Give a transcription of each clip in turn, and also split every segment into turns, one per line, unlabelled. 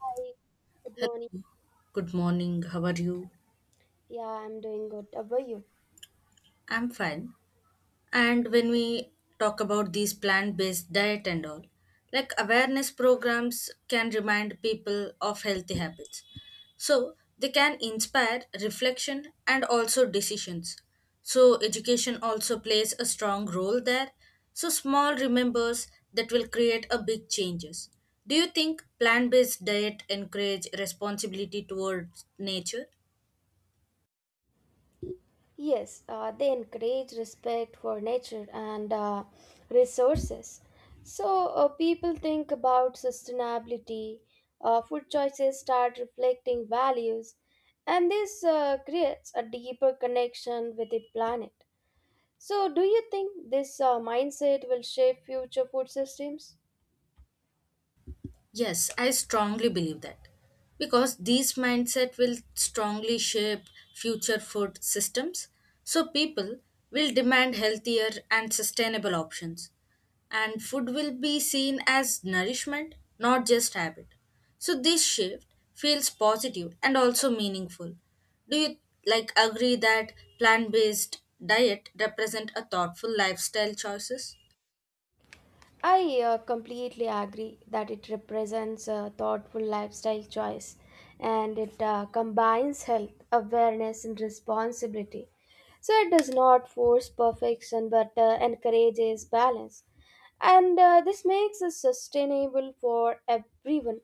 Hi, good morning.
Hello, good morning. How are you?
Yeah, I'm doing good. How about you?
I'm fine. And when we talk about these plant based diet and all, like awareness programs can remind people of healthy habits. So they can inspire reflection and also decisions. So education also plays a strong role there. So small remembers that will create a big changes. Do you think plant based diet encourage responsibility towards nature?
Yes, they encourage respect for nature and resources. So people think about sustainability, food choices start reflecting values, and this creates a deeper connection with the planet. So, do you think this mindset will shape future food systems?
Yes, I strongly believe that because these mindset will strongly shape future food systems. So people will demand healthier and sustainable options and food will be seen as nourishment, not just habit. So this shift feels positive and also meaningful. Do you like agree that plant-based diet represent a thoughtful lifestyle choices?
I completely agree that it represents a thoughtful lifestyle choice, and it combines health, awareness, and responsibility. So it does not force perfection but encourages balance. And this makes it sustainable for everyone.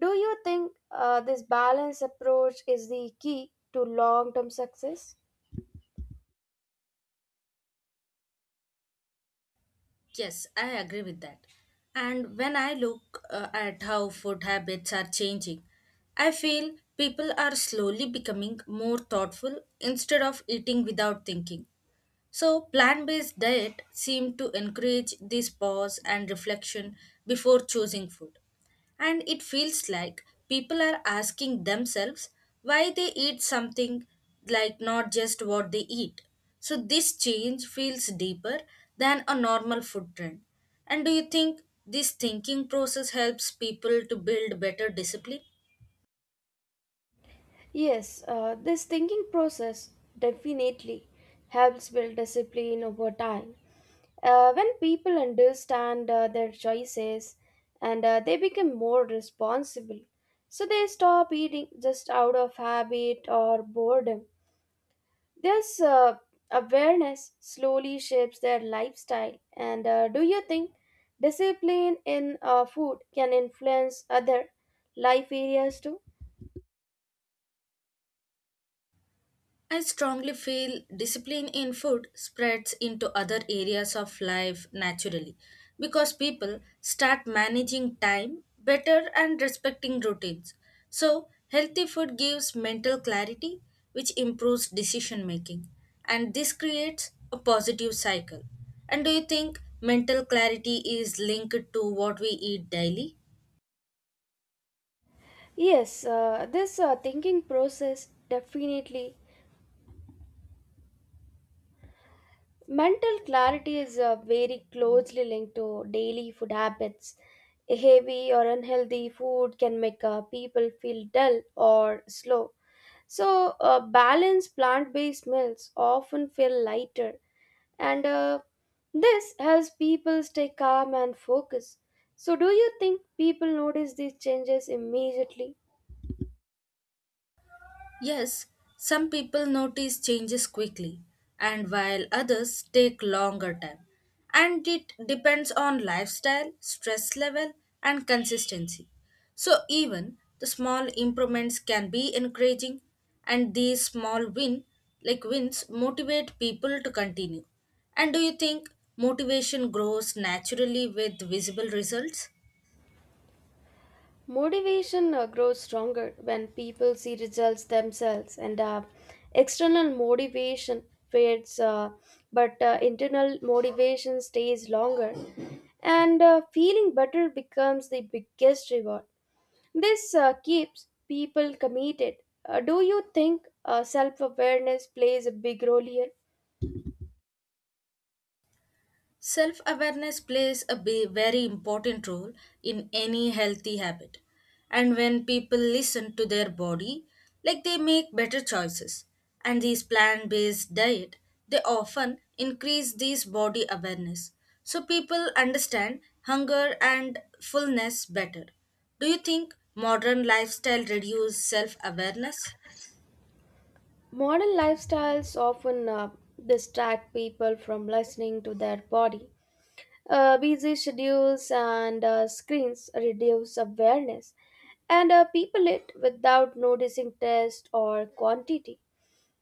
Do you think this balance approach is the key to long term success?
Yes, I agree with that. And when I look at how food habits are changing, I feel people are slowly becoming more thoughtful instead of eating without thinking. So, plant based diet seem to encourage this pause and reflection before choosing food. And it feels like people are asking themselves why they eat something like not just what they eat. So, this change feels deeper than a normal food trend. And do you think this thinking process helps people to build better discipline?
Yes, this thinking process definitely helps build discipline over time. When people understand their choices and they become more responsible, so they stop eating just out of habit or boredom. This awareness slowly shapes their lifestyle. And do you think discipline in food can influence other life areas too?
I strongly feel discipline in food spreads into other areas of life naturally because people start managing time better and respecting routines. So, healthy food gives mental clarity, which improves decision making, and this creates a positive cycle. And do you think mental clarity is linked to what we eat daily?
Yes, this thinking process definitely. Mental clarity is very closely linked to daily food habits. A heavy or unhealthy food can make people feel dull or slow. So, balanced plant based meals often feel lighter, and this helps people stay calm and focused. So, do you think people notice these changes immediately?
Yes, some people notice changes quickly and while others take longer time. And it depends on lifestyle, stress level and consistency. So even the small improvements can be encouraging and these small win like wins motivate people to continue. And do you think motivation grows naturally with visible results?
Motivation grows stronger when people see results themselves, and external motivation fades, but internal motivation stays longer. And feeling better becomes the biggest reward. This keeps people committed. Do you think self awareness plays a big role here?
Self awareness plays a very important role in any healthy habit. And when people listen to their body, like they make better choices. And these plant based diet, they often increase these body awareness. So people understand hunger and fullness better. Do you think modern lifestyle reduce self awareness?
Modern lifestyles often distract people from listening to their body. Busy schedules and screens reduce awareness, and people eat without noticing taste or quantity.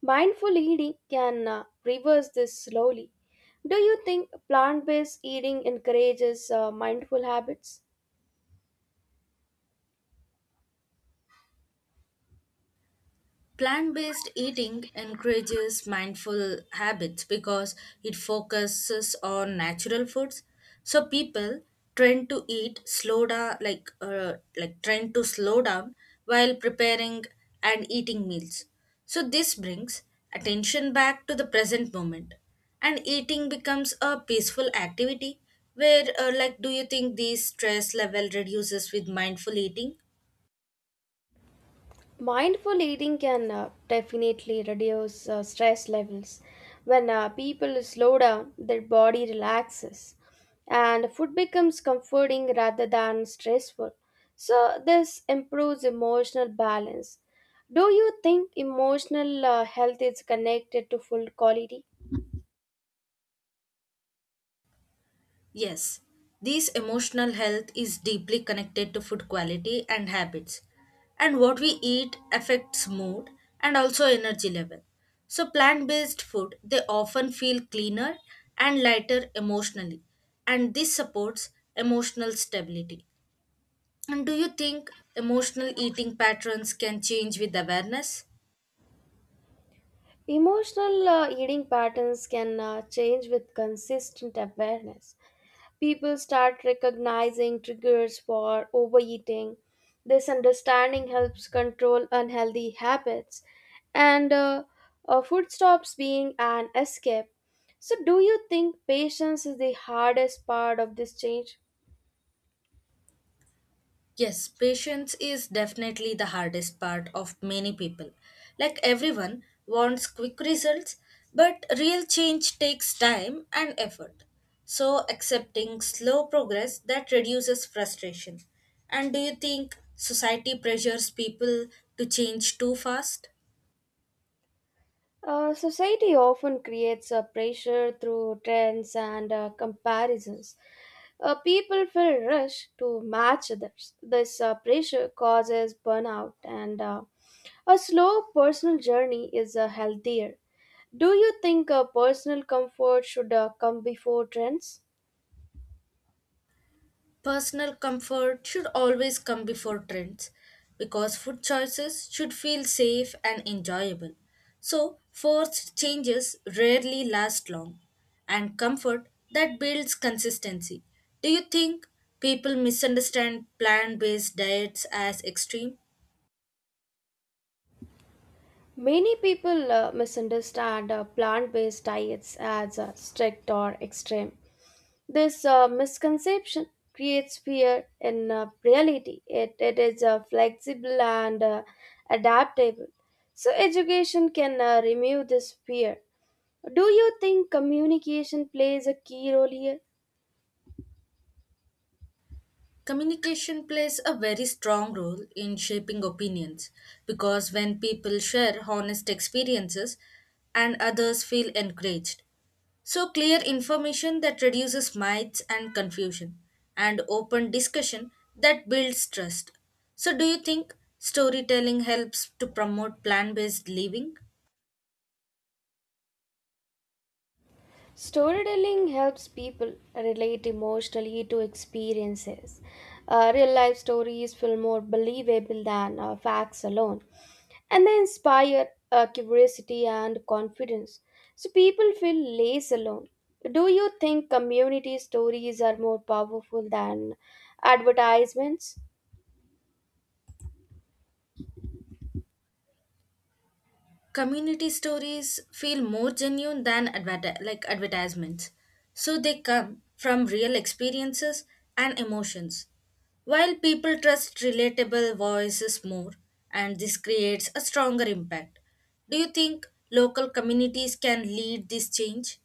Mindful eating can reverse this slowly. Do you think plant based eating encourages mindful habits?
Plant based eating encourages mindful habits because it focuses on natural foods. So people trend to eat slow down, like trend to slow down while preparing and eating meals. So this brings attention back to the present moment, and eating becomes a peaceful activity. Where do you think the stress level reduces with mindful eating?
Mindful eating can definitely reduce stress levels. When people slow down, their body relaxes and food becomes comforting rather than stressful. So, this improves emotional balance. Do you think emotional health is connected to food quality?
Yes, this emotional health is deeply connected to food quality and habits. And what we eat affects mood and also energy level. So plant-based food, they often feel cleaner and lighter emotionally, and this supports emotional stability. And do you think emotional eating patterns can change with awareness?
Emotional eating patterns can change with consistent awareness. People start recognizing triggers for overeating. This understanding helps control unhealthy habits, and food stops being an escape. So, do you think patience is the hardest part of this change?
Yes, patience is definitely the hardest part of many people. Like everyone wants quick results, but real change takes time and effort. So, accepting slow progress that reduces frustration. And do you think society pressures people to change too fast?
Society often creates a pressure through trends and comparisons. People feel rushed to match others. This pressure causes burnout and a slow personal journey is healthier. Do you think personal comfort should come before trends?
Personal comfort should always come before trends because food choices should feel safe and enjoyable. So, forced changes rarely last long, and comfort that builds consistency. Do you think people misunderstand plant based diets as extreme?
Many people misunderstand plant based diets as strict or extreme. This misconception creates fear in reality. It is flexible and adaptable. So, education can remove this fear. Do you think communication plays a key role here?
Communication plays a very strong role in shaping opinions because when people share honest experiences and others feel encouraged. So, clear information that reduces myths and confusion, and open discussion that builds trust. So, do you think storytelling helps to promote plan based living?
Storytelling helps people relate emotionally to experiences. Real life stories feel more believable than facts alone, and they inspire curiosity and confidence. So people feel less alone. Do you think community stories are more powerful than advertisements?
Community stories feel more genuine than advertisements so they come from real experiences and emotions, while people trust relatable voices more, and this creates a stronger impact. Do you think local communities can lead this change?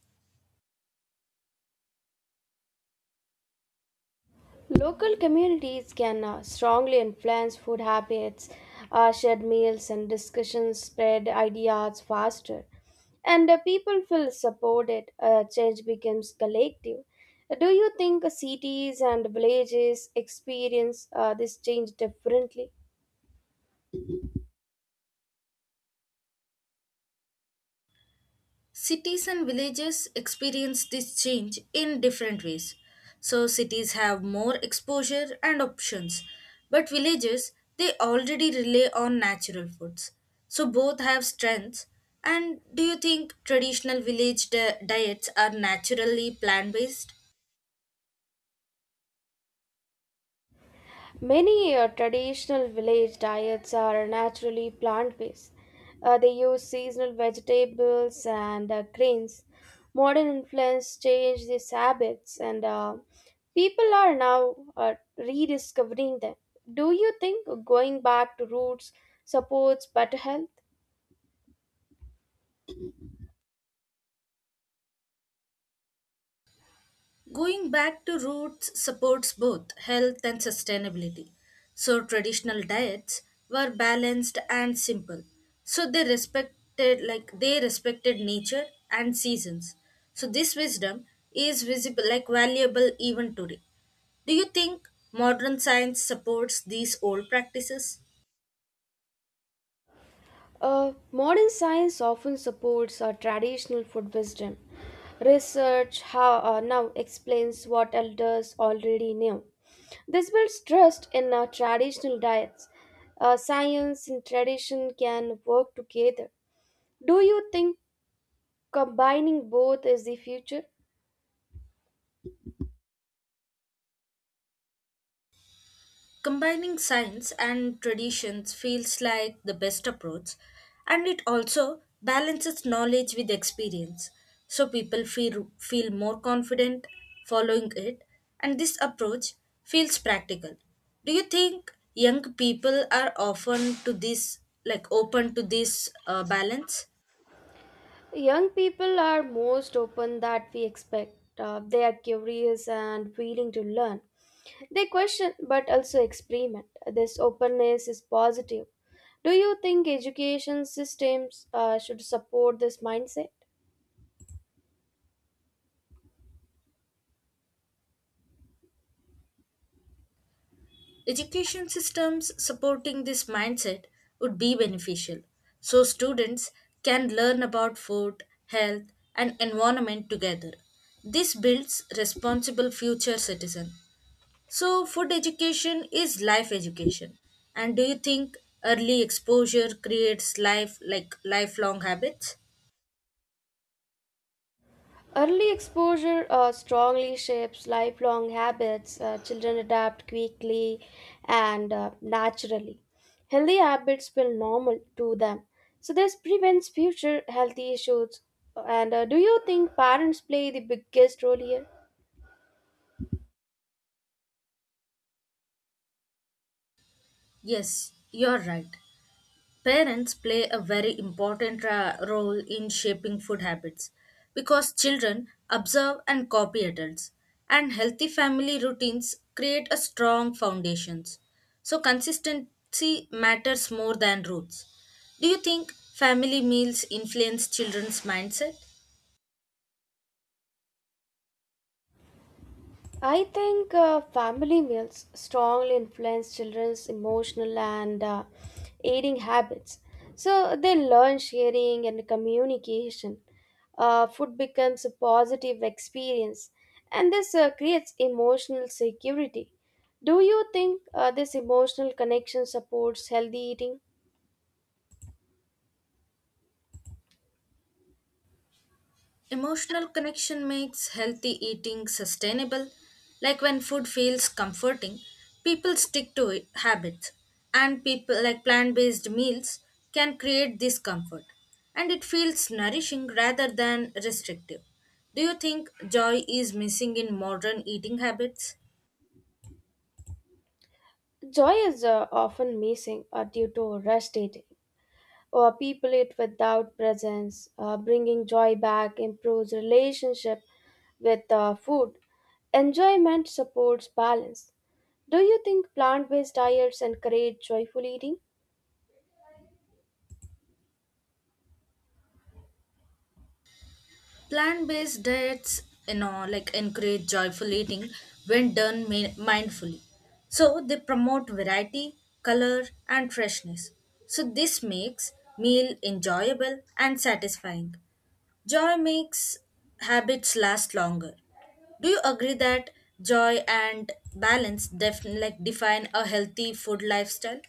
Local communities can strongly influence food habits, shared meals, and discussions spread ideas faster. And people feel supported, change becomes collective. Do you think cities and villages experience this change differently?
Cities and villages experience this change in different ways. So, cities have more exposure and options, but villages they already rely on natural foods. So, both have strengths. And do you think traditional village diets are naturally plant based?
Many traditional village diets are naturally plant based. They use seasonal vegetables and grains. Modern influence changed these habits, and people are now rediscovering them. Do you think going back to roots supports better health?
Going back to roots supports both health and sustainability. So, traditional diets were balanced and simple. So, they respected nature and seasons. So, this wisdom is valuable even today. Do you think modern science supports these old practices?
Modern science often supports traditional food wisdom. Research how, now explains what elders already knew. This builds trust in our traditional diets. Science and tradition can work together. Do you think combining both is the future?
Combining science and traditions feels like the best approach, and it also balances knowledge with experience, so people feel more confident following it, and this approach feels practical. Do you think young people are often to this, like open to this balance?
Young people are most open that we expect. They are curious and willing to learn. They question but also experiment. This openness is positive. Do you think education systems should support this mindset?
Education systems supporting this mindset would be beneficial so students can learn about food, health, and environment together. This builds responsible future citizen. So food education is life education. And do you think early exposure creates lifelong habits?
Early exposure strongly shapes lifelong habits. Children adapt quickly and naturally. Healthy habits feel normal to them. So, this prevents future health issues. And do you think parents play the biggest role here?
Yes, you're right. Parents play a very important role in shaping food habits because children observe and copy adults and healthy family routines create a strong foundations. So consistency matters more than roots. Do you think family meals influence children's mindset?
I think family meals strongly influence children's emotional and eating habits. So they learn sharing and communication. Food becomes a positive experience, and this creates emotional security. Do you think this emotional connection supports healthy eating?
Emotional connection makes healthy eating sustainable. Like when food feels comforting, people stick to it, habits. And people like plant-based meals can create this comfort. And it feels nourishing rather than restrictive. Do you think joy is missing in modern eating habits?
Joy is often missing due to rushed eating. Or people it without presence. Bringing joy back improves relationship with food. Enjoyment supports balance. Do you think plant-based diets encourage joyful eating?
Plant-based diets, you know, like encourage joyful eating when done mindfully. So they promote variety, color, and freshness. So this makes meal enjoyable and satisfying. Joy makes habits last longer. Do you agree that joy and balance define a healthy food lifestyle?